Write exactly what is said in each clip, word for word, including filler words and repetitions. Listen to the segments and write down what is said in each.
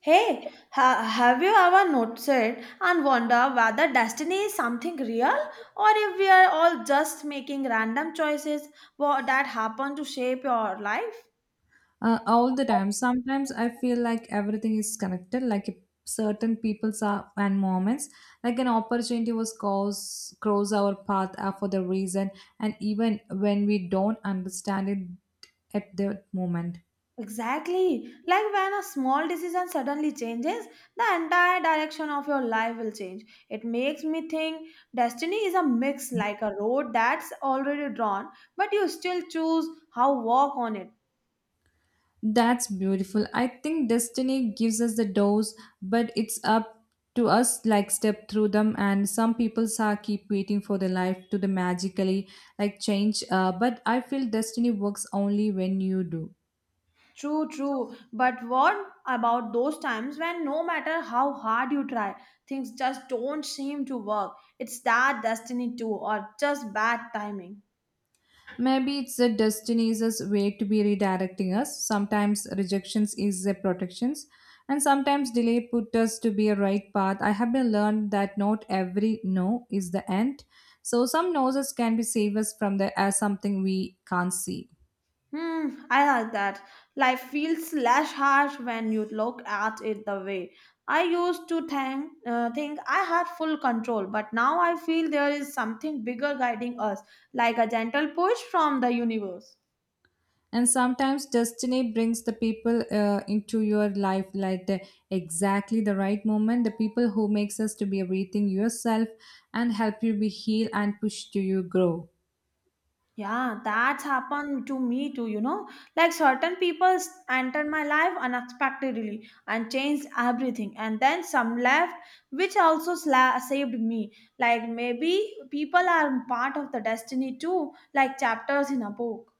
Hey, ha- have you ever noticed and wonder whether destiny is something real or if we are all just making random choices wha- that happen to shape your life? Uh, all the time. Sometimes I feel like everything is connected, like if certain people's are, and moments, like an opportunity was cause cross our path uh, for the reason, and even when we don't understand it at that moment. Exactly. Like when a small decision suddenly changes, the entire direction of your life will change. It makes me think destiny is a mix like a road that's already drawn, but you still choose how walk on it. That's beautiful. I think destiny gives us the doors, but it's up to us like step through them, and some people are keep waiting for the life to the magically like change uh, but I feel destiny works only when you do. True, true. But what about those times when no matter how hard you try, things just don't seem to work? It's that destiny too, or just bad timing. Maybe it's the destiny's way to be redirecting us. Sometimes rejections is a protections, and sometimes delay put us to be a right path. I have been learned that not every no is the end. So some noses can be save us from the as something we can't see. Hmm, I like that. Life feels less harsh when you look at it the way. I used to think, uh, think I had full control, but now I feel there is something bigger guiding us, like a gentle push from the universe. And sometimes destiny brings the people uh, into your life like the, exactly the right moment the people who makes us to be everything yourself, and help you be heal and push to you grow. Yeah, that's happened to me too, you know. Like certain people entered my life unexpectedly and changed everything, and then some left, which also sla- saved me. Like maybe people are part of the destiny too, like chapters in a book.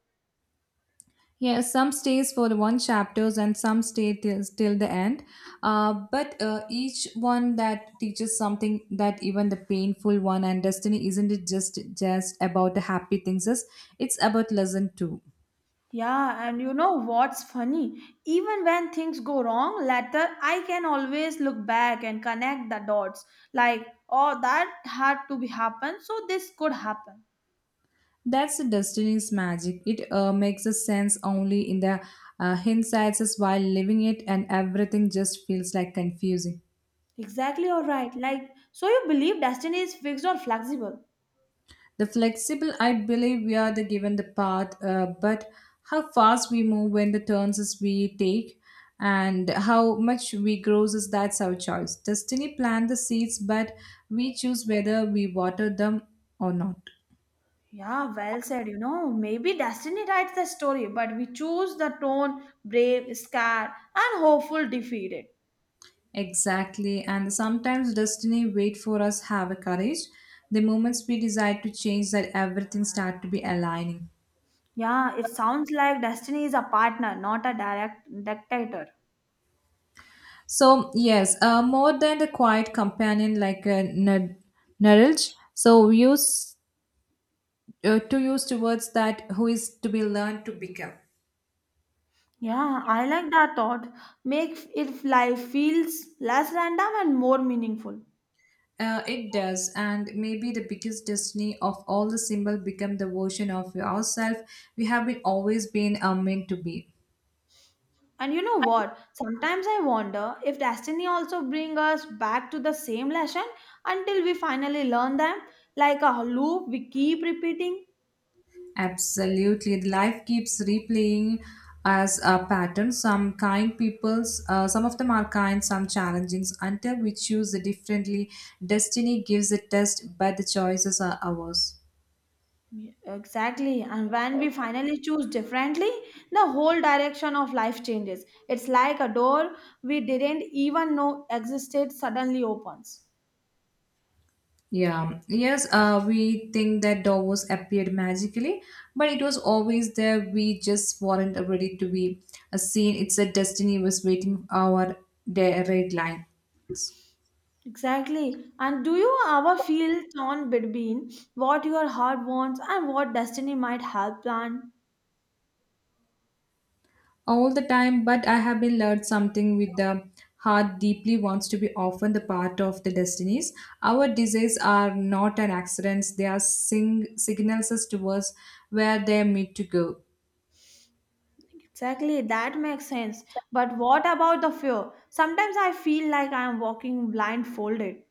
Yeah, some stays for the one chapters and some stay till, till the end, uh, but uh, each one that teaches something, that even the painful one, and destiny isn't it just just about the happy things, is it's about lesson too. Yeah, and you know what's funny? Even when things go wrong, later I can always look back and connect the dots. Like, oh, that had to be happened, so this could happen. That's the destiny's magic. It uh, makes a sense only in the uh, hindsight as while living it, and everything just feels like confusing. Exactly, all right. Like, so you believe destiny is fixed or flexible? The flexible, I believe we are the given the path, uh, but how fast we move, when the turns is we take, and how much we grows, is that's our choice. Destiny plant the seeds, but we choose whether we water them or not. Yeah, well said. You know, maybe destiny writes the story, but we choose the tone brave, scared, and hopeful, defeated. Exactly, and sometimes destiny wait for us have a courage. The moments we decide to change, that everything start to be aligning. Yeah, it sounds like destiny is a partner, not a direct dictator. So yes, uh, more than the quiet companion like a nar- narrage. So use uh, to use towards that who is to be learned to become. Yeah, I like that thought. Make if life feels less random and more meaningful. Uh, it does, and maybe the biggest destiny of all the symbol become the version of ourselves we have been always been uh, meant to be. And you know what? Sometimes I wonder if destiny also bring us back to the same lesson until we finally learn them, like a loop we keep repeating. Absolutely. The life keeps replaying as a pattern. Some kind people's, uh, some of them are kind, some challenging. Until we choose differently, destiny gives a test, but the choices are ours. Yeah, exactly. And when we finally choose differently, the whole direction of life changes. It's like a door we didn't even know existed suddenly opens. Yeah. Yes, uh, we think that Davos appeared magically, but it was always there. We just weren't ready to be uh, seen. It's a destiny was waiting our the red line. Exactly. And do you ever feel torn between what your heart wants and what destiny might help plan? All the time, but I have been learned something with the heart deeply wants to be often the part of the destinies, our desires are not an accident, they are sing- signals us towards where they are meant to go. Exactly, that makes sense. But what about the fear? Sometimes I feel like I am walking blindfolded.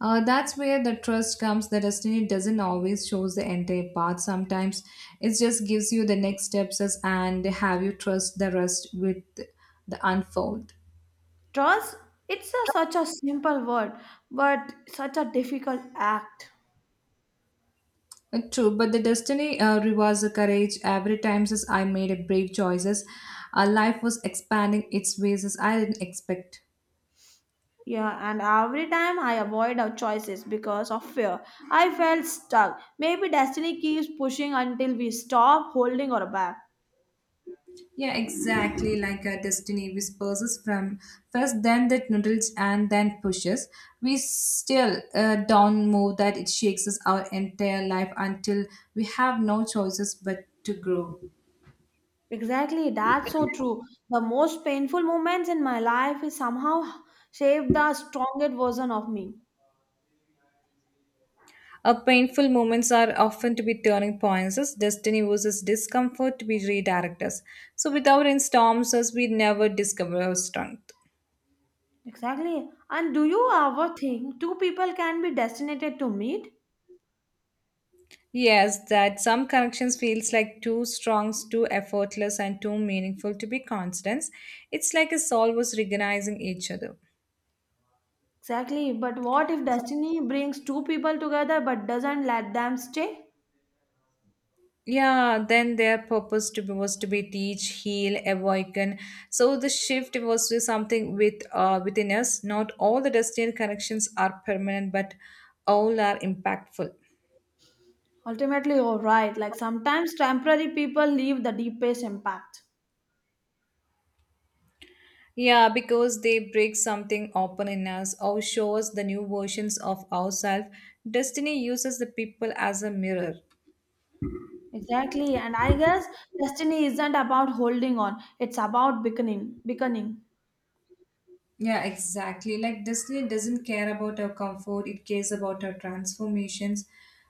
uh, That's where the trust comes, the destiny doesn't always shows the entire path, sometimes it just gives you the next steps as- and have you trust the rest with the unfold. Trust, it's a, such a simple word, but such a difficult act. Uh, True, but the destiny uh, rewards the courage. Every time since I made a brave choices, uh, life was expanding its ways as I didn't expect. Yeah, and every time I avoid our choices because of fear, I felt stuck. Maybe destiny keeps pushing until we stop holding our back. Yeah, exactly like a destiny whispers us from first, then that noodles and then pushes. We still uh, not move that it shakes us our entire life until we have no choices but to grow. Exactly, that's so true. The most painful moments in my life is somehow shaped the strongest version of me. Uh, painful moments are often to be turning points as destiny uses discomfort to be redirect us. So without in storms us, we never discover our strength. Exactly. And do you ever think two people can be destined to meet? Yes, that some connections feels like too strong, too effortless and too meaningful to be constant. It's like a soul was recognizing each other. Exactly. But what if destiny brings two people together but doesn't let them stay? Yeah, then their purpose to be, was to be teach, heal, awaken. So the shift was to something with uh, within us. Not all the destined connections are permanent, but all are impactful. Ultimately, you're right. Like sometimes temporary people leave the deepest impact. Yeah, because they break something open in us or show us the new versions of ourselves. Destiny uses the people as a mirror. Exactly. And I guess destiny isn't about holding on, it's about beckoning. Beckoning. Yeah, exactly. Like Disney doesn't care about our comfort, it cares about our transformations.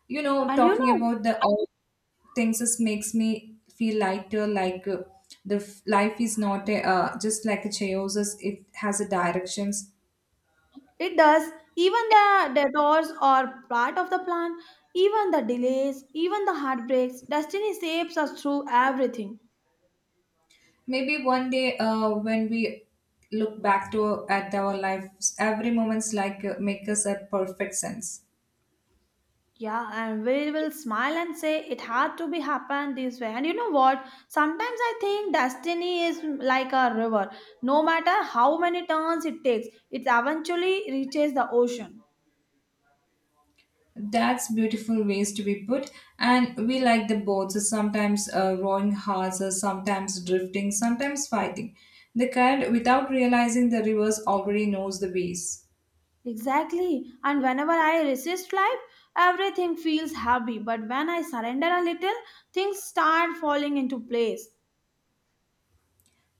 You know, And you talking know, about the all things just makes me feel lighter, like uh, the f- life is not a, uh, just like a chaos, as it has a directions. it does. Even the detours are part of the plan, even the delays, even the heartbreaks, destiny shapes us through everything. Maybe one day uh, when we look back to at our lives, every moment's like uh, make us a perfect sense. Yeah, and we will smile and say it had to be happened this way. And you know what? Sometimes I think destiny is like a river. No matter how many turns it takes, it eventually reaches the ocean. That's beautiful ways to be put. And we like the boats, sometimes uh, rowing hard, sometimes drifting, sometimes fighting. The kind without realizing the rivers already knows the ways. Exactly. And whenever I resist life, everything feels heavy. But when I surrender a little, things start falling into place.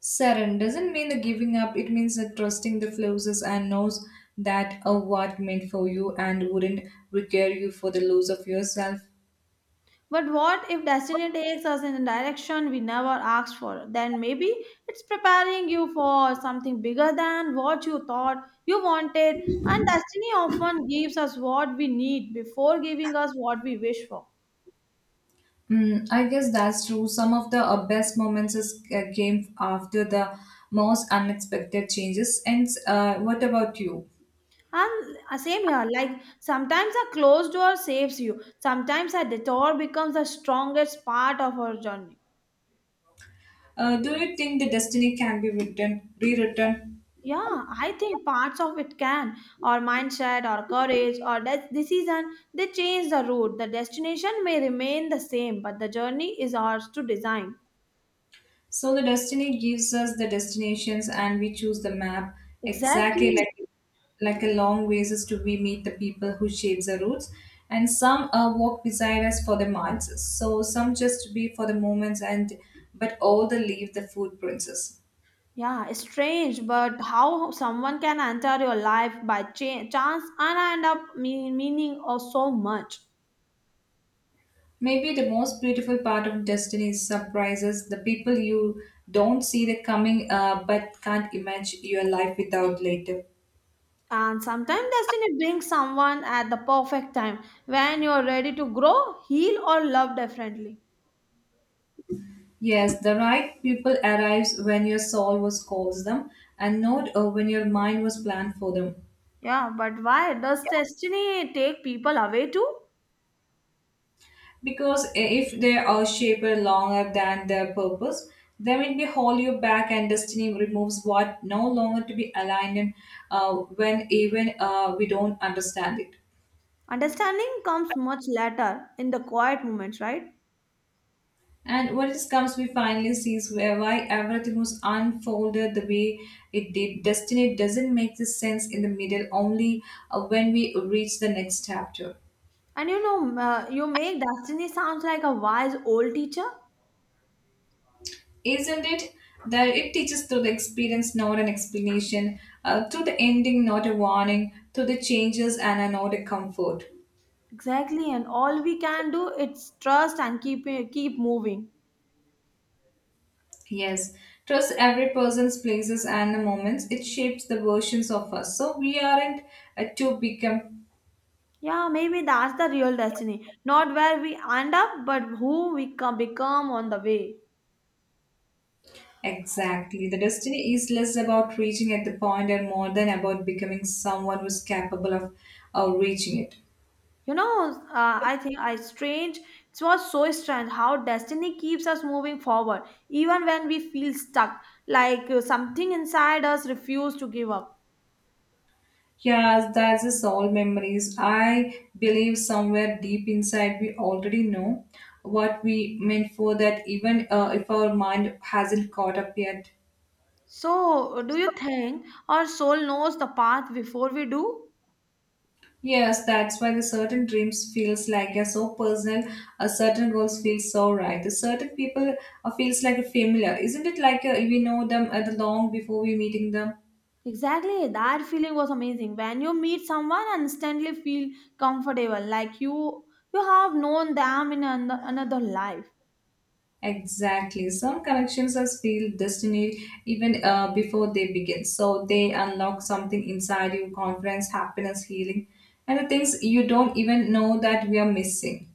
Surrender doesn't mean the giving up, it means that trusting the flows and knows that a what meant for you and wouldn't require you for the loss of yourself. But what if destiny takes us in a direction we never asked for? Then maybe it's preparing you for something bigger than what you thought you wanted. And destiny often gives us what we need before giving us what we wish for. Mm, I guess that's true. Some of the uh, best moments is, uh, came after the most unexpected changes. And uh, what about you? And uh, same here, like sometimes a closed door saves you, sometimes a detour becomes the strongest part of our journey. Uh, do you think the destiny can be written, rewritten? Yeah, I think parts of it can, or mindset, or courage, or de- decision, they change the route. The destination may remain the same, but the journey is ours to design. So the destiny gives us the destinations, and we choose the map. Exactly, Exactly. like like a long ways is to we meet the people who shapes the routes, and some uh, walk beside us for the miles. So some just to be for the moments, and but all the leave the footprints. Yeah, it's strange, but how someone can enter your life by cha- chance and end up mean- meaning or so much. Maybe the most beautiful part of destiny is surprises. The people you don't see the coming, uh, but can't imagine your life without later. And sometimes destiny brings someone at the perfect time when you're ready to grow, heal, or love differently. Yes, the right people arrives when your soul was calls them, and not uh, when your mind was planned for them. Yeah, but why does destiny take people away too? Because uh, if they are shaped longer than their purpose, they will be hold you back, and destiny removes what no longer to be aligned. In, uh, when even uh, we don't understand it, Understanding comes much later in the quiet moments, right? and when it comes, we finally sees where why everything was unfolded the way it did. Destiny doesn't make the sense in the middle, only uh, when we reach the next chapter. And you know, m- uh, you make destiny sounds like a wise old teacher. Isn't it? That it teaches through the experience, not an explanation, uh, through the ending, not a warning, through the changes, and a not a comfort. Exactly, and all we can do is trust and keep eh, keep moving. Yes, trust every person's places and the moments. It shapes the versions of us, so we aren't uh, to become. Yeah, maybe that's the real destiny, not where we end up, but who we can become on the way. Exactly. The destiny is less about reaching at the point and more than about becoming someone who's capable of uh, reaching it. You know, uh, I think I strange. It was so strange how destiny keeps us moving forward, even when we feel stuck, like uh, something inside us refuse to give up. Yeah, that's just all memories. I believe somewhere deep inside we already know what we meant for that, even uh, if our mind hasn't caught up yet. So, uh, do you think our soul knows the path before we do? Yes, that's why the certain dreams feels like they're so personal. A certain goals feel so right. The certain people uh, feels like a familiar, isn't it? Like uh, we know them at the long before we meeting them. Exactly, that feeling was amazing. When you meet someone and instantly feel comfortable, like you you have known them in an, another life. Exactly. Some connections are feel destiny even uh, before they begin. So they unlock something inside you, confidence, happiness, healing, and the things you don't even know that we are missing.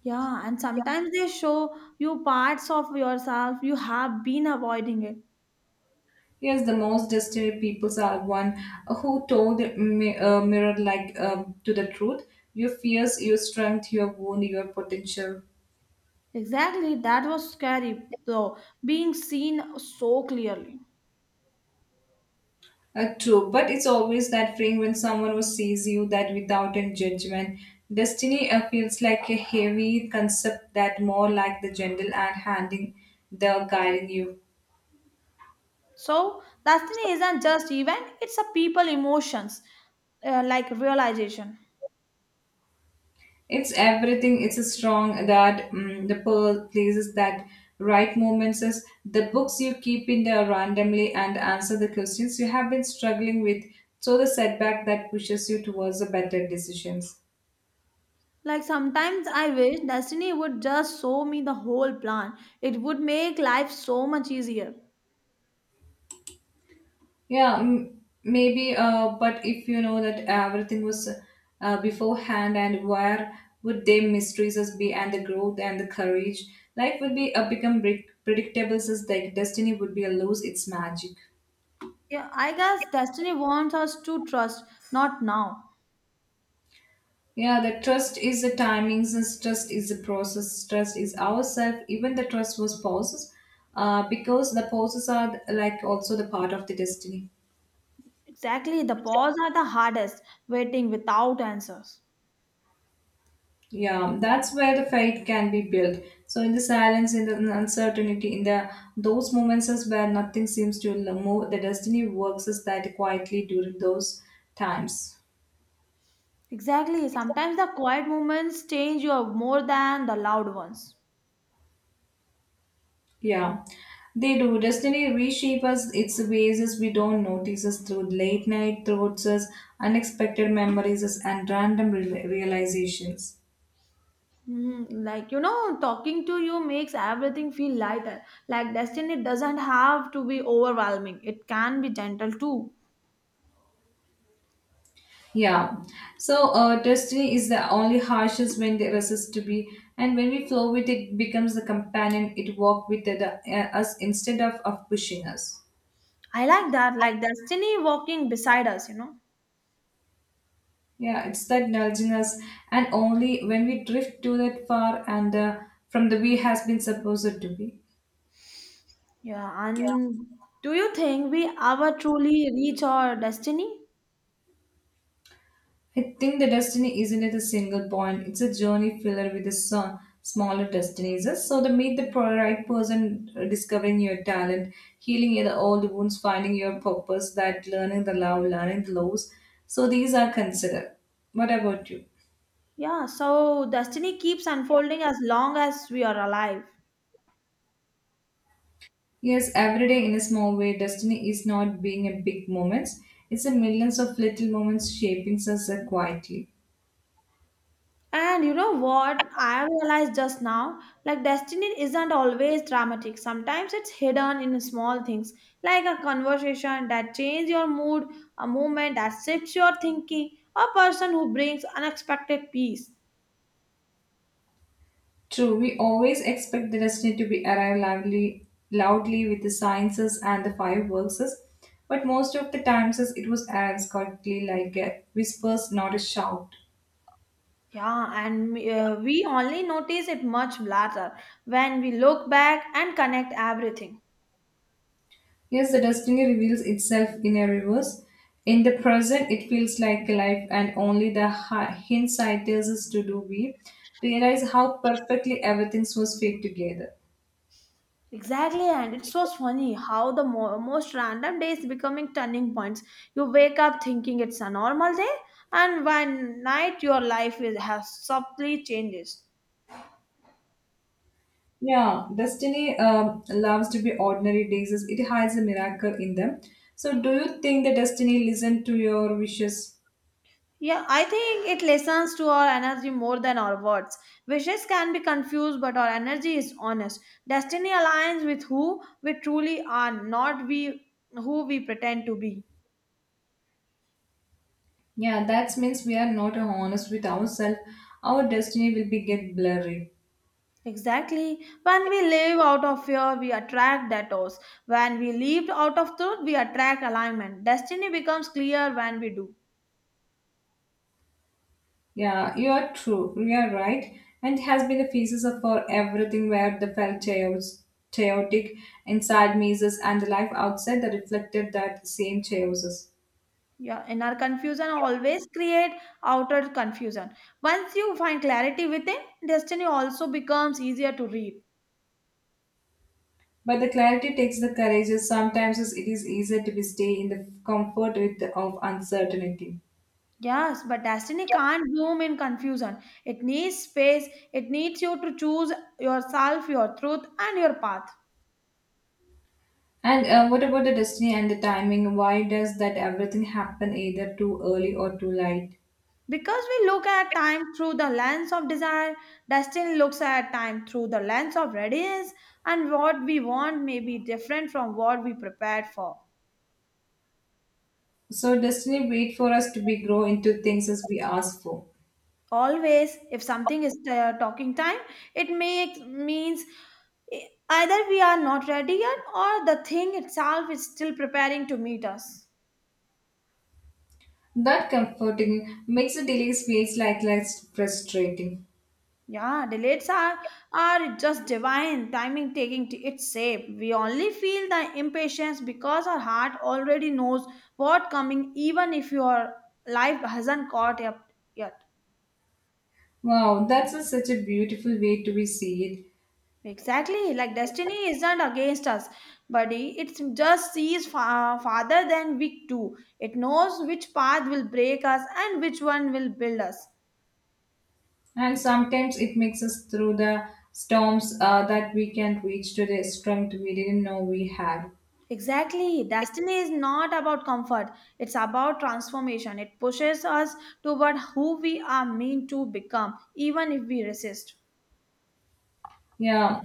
Yeah, and sometimes they show you parts of yourself you have been avoiding it. Yes, the most destined peoples are one who told mi- uh, mirror like um, to the truth. Your fears, your strength, your wound, your potential. Exactly, that was scary though, being seen so clearly. Uh, true, but it's always that feeling when someone who sees you that without a judgment. Destiny uh, feels like a heavy concept that more like the gentle and handing the guiding you. So, destiny isn't just event, it's a people emotions, uh, like realization. It's everything. It's a strong that mm the pearl places that right moments is the books you keep in there randomly and answer the questions you have been struggling with. So the setback that pushes you towards the better decisions. Like sometimes I wish destiny would just show me the whole plan. It would make life so much easier. Yeah, m- maybe. Uh, but if you know that everything was uh, beforehand, and where would their mysteries us be, and the growth and the courage, life would be uh, become pre- predictable, since like destiny would be a lose its magic. Yeah, I guess destiny wants us to trust, not now. Yeah, the trust is the timings, and trust is the process, trust is ourself. Even the trust was pauses, uh, because the pauses are like also the part of the destiny. Exactly, the pause are the hardest, waiting without answers. Yeah, that's where the faith can be built. So in the silence, in the uncertainty, in the those moments is where nothing seems to l- move, the destiny works is that quietly during those times. Exactly, sometimes the quiet moments change you more than the loud ones. Yeah, they do. Destiny reshape us its ways as we don't notice us through late night thoughts, as unexpected memories, as and random re- realizations. Hmm, like you know talking to you makes everything feel lighter, like destiny doesn't have to be overwhelming, it can be gentle too. Yeah. So uh, destiny is the only harshest when they resist to be, and when we flow with it, becomes the companion. It walk with it, uh, us instead of, of pushing us. I like that, like destiny walking beside us, you know. Yeah, it's that nudging us, and only when we drift to that far and uh, from the we has been supposed to be. Yeah, and do you think we ever truly reach our destiny? I think the destiny isn't at a single point. It's a journey filled with a so- smaller destinies. So the meet the pro- right person, uh, discovering your talent, healing your old wounds, finding your purpose, that learning the love, learning the lows. So these are considered. What about you? Yeah, so destiny keeps unfolding as long as we are alive. Yes, every day in a small way, destiny is not being a big moments. It's a millions of little moments shaping us uh, quietly. And you know what? I realized just now like destiny isn't always dramatic. Sometimes it's hidden in small things, like a conversation that changes your mood, a moment that shifts your thinking, a person who brings unexpected peace. True, we always expect the destiny to be arrived loudly, loudly with the sciences and the fireworks, but most of the times it was arrives quietly like a whispers, not a shout. Yeah, and uh, we only notice it much later when we look back and connect everything. Yes, the destiny reveals itself in a reverse. In the present, it feels like life, and only the hi- hindsight tells us to do we realize how perfectly everything was fit together. Exactly, and it's so funny how the mo- most random days becoming turning points. You wake up thinking it's a normal day, and by night your life is, has subtly changes. Yeah, destiny um, loves to be ordinary days. As It hides a miracle in them. So, do you think the destiny listen to your wishes? Yeah, I think it listens to our energy more than our words. Wishes can be confused, but our energy is honest. Destiny aligns with who we truly are, not we who we pretend to be. Yeah, that means we are not honest with ourselves. Our destiny will be get blurry. Exactly. When we live out of fear, we attract debtors. When we live out of truth, we attract alignment. Destiny becomes clear when we do. Yeah, you are true. You are right. And it has been the phases of for everything where the felt chaos, chaotic inside mazes and the life outside that reflected that same chaoses. Yeah, in our confusion, always create outer confusion. Once you find clarity within, destiny also becomes easier to read. But the clarity takes the courage, as sometimes it is easier to be stay in the comfort with of uncertainty. Yes, but destiny can't bloom in confusion. It needs space. It needs you to choose yourself, your truth, and your path. And uh, what about the destiny and the timing? Why does that everything happen either too early or too late? Because we look at time through the lens of desire, destiny looks at time through the lens of readiness, and what we want may be different from what we prepared for. So destiny wait for us to be grow into things as we ask for. Always, if something is uh, talking time, it makes means e, either we are not ready yet or the thing itself is still preparing to meet us. That comforting makes the delays feels like less frustrating. Yeah, delays are are just divine timing taking to its shape. We only feel the impatience because our heart already knows what coming, even if your life hasn't caught up yet. Wow, that's a, such a beautiful way to be see it. Exactly, like destiny isn't against us, buddy. It just sees far, farther than we do. It knows which path will break us and which one will build us. And sometimes it makes us through the storms uh, that we can reach to the strength we didn't know we had. Exactly. Destiny is not about comfort, it's about transformation. It pushes us toward who we are meant to become, even if we resist. Yeah,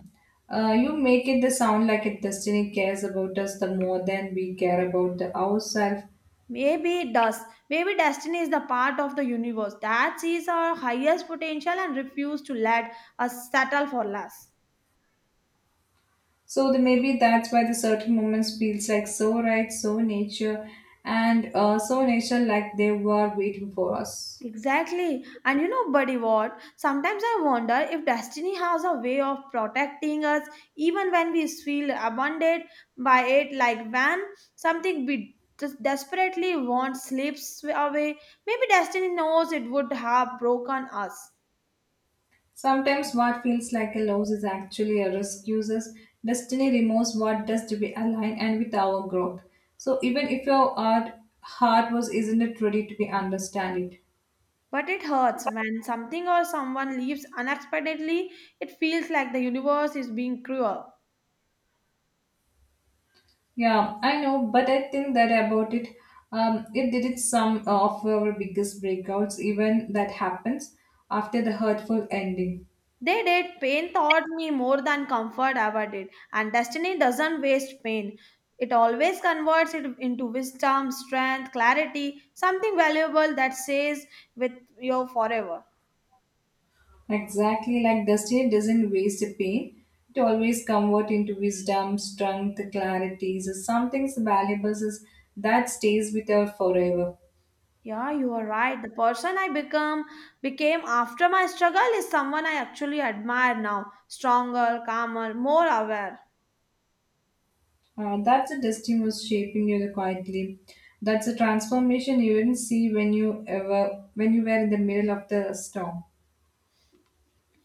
uh, you make it the sound like a destiny cares about us the more than we care about the ourselves. Maybe it does. Maybe destiny is the part of the universe that sees our highest potential and refuses to let us settle for less. So the, maybe that's why the certain moments feels like so right, so nature, and uh, so nature like they were waiting for us. Exactly. And you know, buddy, what? Sometimes I wonder if destiny has a way of protecting us even when we feel abandoned by it, like when something we just desperately want slips away. Maybe destiny knows it would have broken us. Sometimes what feels like a loss is actually a risk. Uses destiny removes what does to be aligned and with our growth. So even if your art heart was isn't it ready to be understand it? But it hurts when something or someone leaves unexpectedly. It feels like the universe is being cruel. Yeah, I know, but I think that about it. Um, it did it some of our biggest breakouts, even that happens after the hurtful ending. They did. Pain taught me more than comfort ever did. And destiny doesn't waste pain. It always converts it into wisdom, strength, clarity, something valuable that stays with you forever. Exactly like destiny doesn't waste pain. It always convert into wisdom, strength, clarity. So something valuable is that stays with us forever. Yeah, you are right. The person I become became after my struggle is someone I actually admire now. Stronger, calmer, more aware. Uh, that's a destiny was shaping you quietly. That's a transformation you didn't see when you ever when you were in the middle of the storm.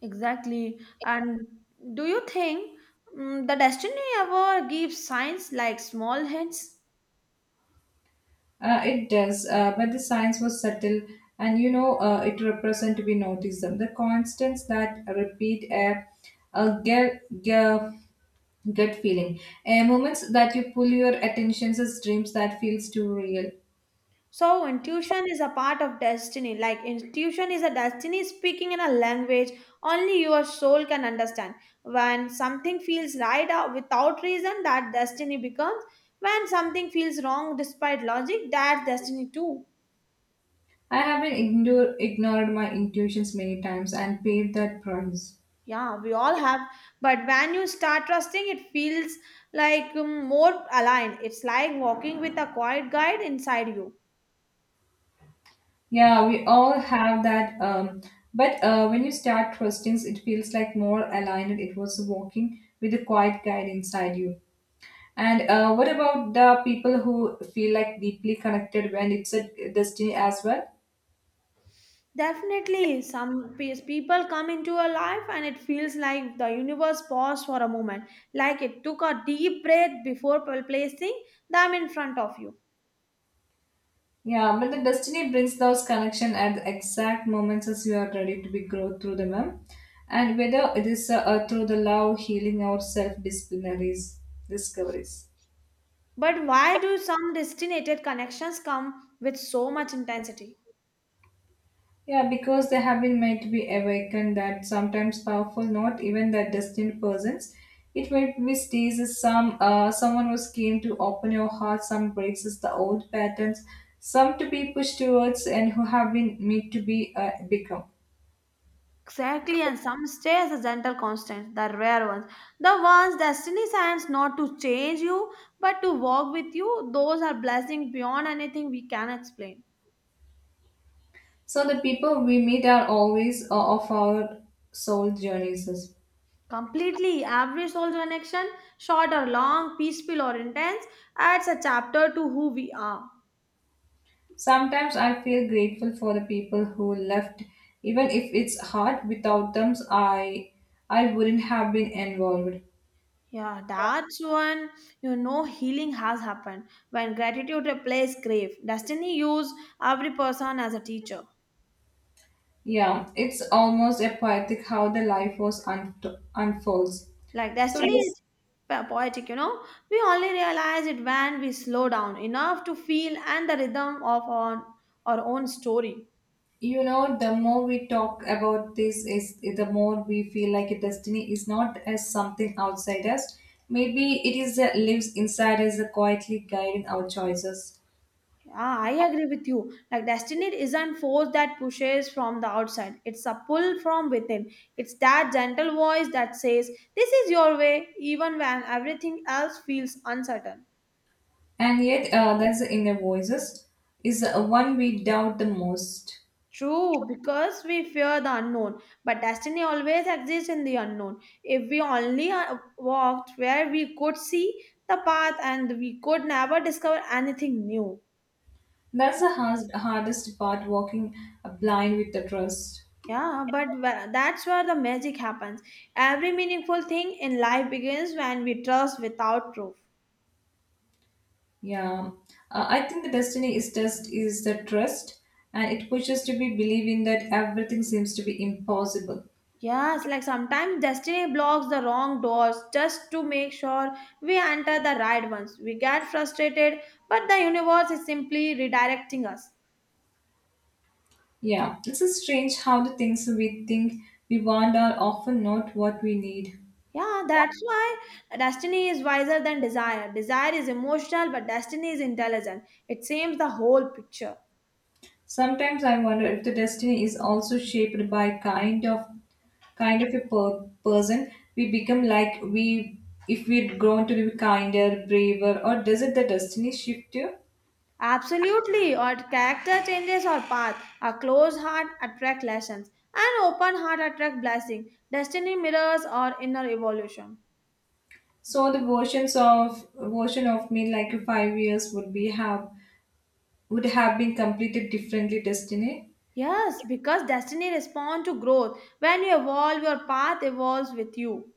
Exactly. And do you think mm the destiny ever gives signs like small hints? Uh, it does, uh, but the science was subtle, and you know uh, it represent to be noticed. Them. The constants that repeat a, a girl, Gut feeling. Uh, moments that you pull your attentions as dreams that feels too real. So intuition is a part of destiny. Like intuition is a destiny speaking in a language only your soul can understand. When something feels right uh, without reason, that destiny becomes. When something feels wrong despite logic, that's destiny too. I have been ignore, ignored my intuitions many times and paid that price. Yeah, we all have. But when you start trusting, it feels like um, more aligned. It's like walking with a quiet guide inside you. Yeah, we all have that. Um, but uh, when you start trusting, it feels like more aligned. It was walking with a quiet guide inside you. And uh, what about the people who feel like deeply connected when it's a destiny as well? Definitely, some pe- people come into your life and it feels like the universe paused for a moment, like it took a deep breath before pl- placing them in front of you. Yeah, but the destiny brings those connection at the exact moments as you are ready to be grow through them, ma'am. And whether it is uh, uh, through the love, healing, or self-disciplinaries discoveries. But why do some destinated connections come with so much intensity? Yeah, because they have been made to be awakened that sometimes powerful, not even that destined persons. It might be stays as some uh, someone was keen to open your heart, some breaks as the old patterns, some to be pushed towards and who have been made to be uh, become. Exactly, and some stay as a gentle constant, the rare ones. The ones destiny sends not to change you but to walk with you, those are blessings beyond anything we can explain. So the people we meet are always uh, of our soul journeys. Completely. Every soul's connection, short or long, peaceful or intense, adds a chapter to who we are. Sometimes I feel grateful for the people who left, even if it's hard. Without them, I I wouldn't have been involved. Yeah, that's when you know healing has happened. When gratitude replaces grief, destiny use every person as a teacher. Yeah, it's almost a poetic how the life was un- unfolds. Like So destiny this is po- poetic, you know. We only realize it when we slow down enough to feel and the rhythm of our, our own story. you know the more we talk about this is the more we feel like a destiny is not as something outside us maybe it is that lives inside us that quietly guiding our choices Yeah, I agree with you. Like destiny isn't force that pushes from the outside. It's a pull from within. It's that gentle voice that says, "This is your way," even when everything else feels uncertain. and yet uh, that's the inner voices is the one we doubt the most True, because we fear the unknown, but destiny always exists in the unknown. If we only uh, walked where we could see the path and we could never discover anything new. that's the hard, hardest part walking blind with the trust Yeah, but wh- that's where the magic happens. Every meaningful thing in life begins when we trust without proof. yeah uh, I think the destiny is just is the trust and it pushes to be believing that everything seems to be impossible Yes, like sometimes destiny blocks the wrong doors just to make sure we enter the right ones. We get frustrated, but the universe is simply redirecting us. Yeah, this is strange how the things we think we want are often not what we need. Yeah, that's why destiny is wiser than desire. Desire is emotional, but destiny is intelligent. It seems the whole picture. Sometimes I wonder if the destiny is also shaped by kind of kind of a per- person we become like we if we'd grown to be kinder, braver, or does it the destiny shift you? Absolutely, or character changes or path. A closed heart attract lessons, an open heart attract blessing. Destiny mirrors or inner evolution. So the versions of version of me like five years would be have would have been completed differently destiny. Yes, because destiny responds to growth. When you evolve, your path evolves with you.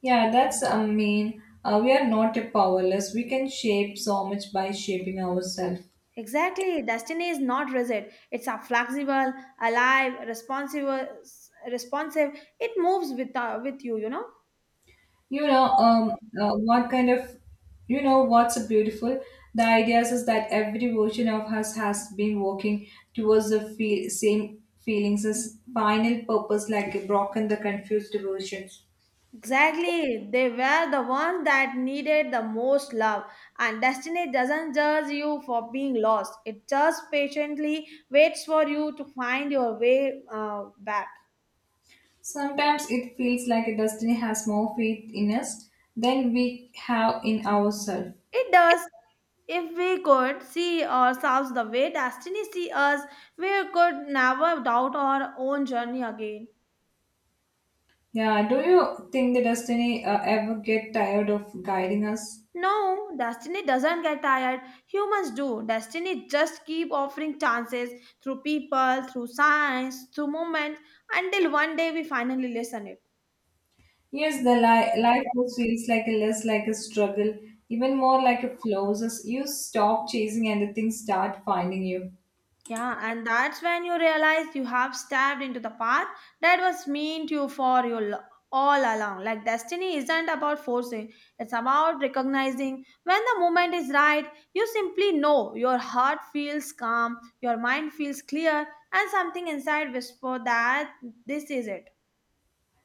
Yeah, that's, I mean, uh, we are not a powerless. We can shape so much by shaping ourselves. Exactly, destiny is not rigid. It's a flexible, alive, responsible, responsive. It moves with uh, with you. You know. You know, um, uh, what kind of, you know, what's beautiful? The idea is that every version of us has been working towards the fe- same feelings as final purpose, like a broken, the confused version. Exactly. They were the ones that needed the most love. And destiny doesn't judge you for being lost, it just patiently waits for you to find your way uh, back. Sometimes it feels like destiny has more faith in us than we have in ourselves. It does. If we could see ourselves the way destiny see us, we could never doubt our own journey again. Yeah, do you think the destiny uh, ever get tired of guiding us? No, destiny doesn't get tired. Humans do. Destiny just keep offering chances through people, through science, through movement until one day we finally listen it. Yes, the li- life just feels like a less like a struggle, even more like a flows as you stop chasing and the things start finding you. Yeah, and that's when you realize you have stabbed into the path that was meant you for you l- all along. Like destiny isn't about forcing; it's about recognizing when the moment is right. You simply know your heart feels calm, your mind feels clear, and something inside whisper that this is it.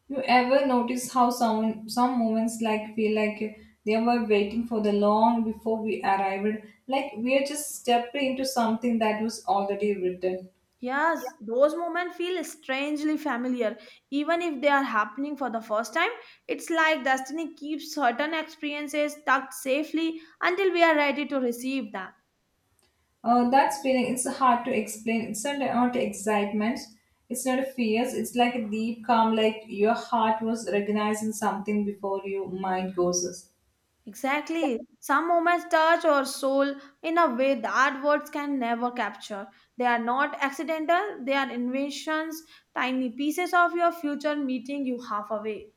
You ever notice how some some moments like feel like they were waiting for the long before we arrived, like we are just stepping into something that was already written. Yes, those moments feel strangely familiar. Even if they are happening for the first time, it's like destiny keeps certain experiences tucked safely until we are ready to receive them. Uh, that feeling, it's hard to explain. It's not, not excitement. It's not a fears. It's like a deep calm, like your heart was recognizing something before your mind goes. Exactly. Some moments touch our soul in a way that words can never capture. They are not accidental, they are inventions, tiny pieces of your future meeting you halfway.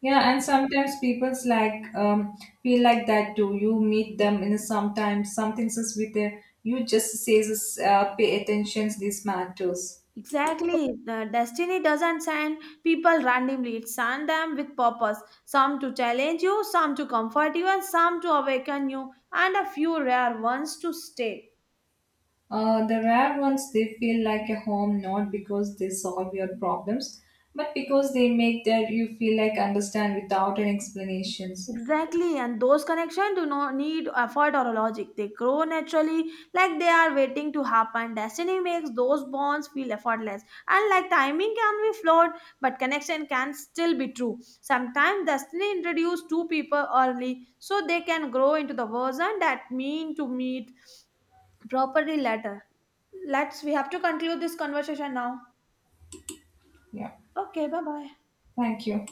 Yeah, and sometimes people's like um, feel like that too. You meet them in a sometimes something says with a, you just says uh, pay attention these matters. Exactly. The destiny doesn't send people randomly. It sends them with purpose. Some to challenge you, some to comfort you, and some to awaken you, and a few rare ones to stay. Uh, the rare ones, they feel like a home not because they solve your problems, but because they make that you feel like understand without any explanations. Exactly, and those connections do not need effort or logic. They grow naturally, like they are waiting to happen. Destiny makes those bonds feel effortless. And like timing can be flawed, but connection can still be true. Sometimes destiny introduces two people early so they can grow into the version that mean to meet properly later. Let's we have to conclude this conversation now. Yeah. Okay, bye bye. Thank you.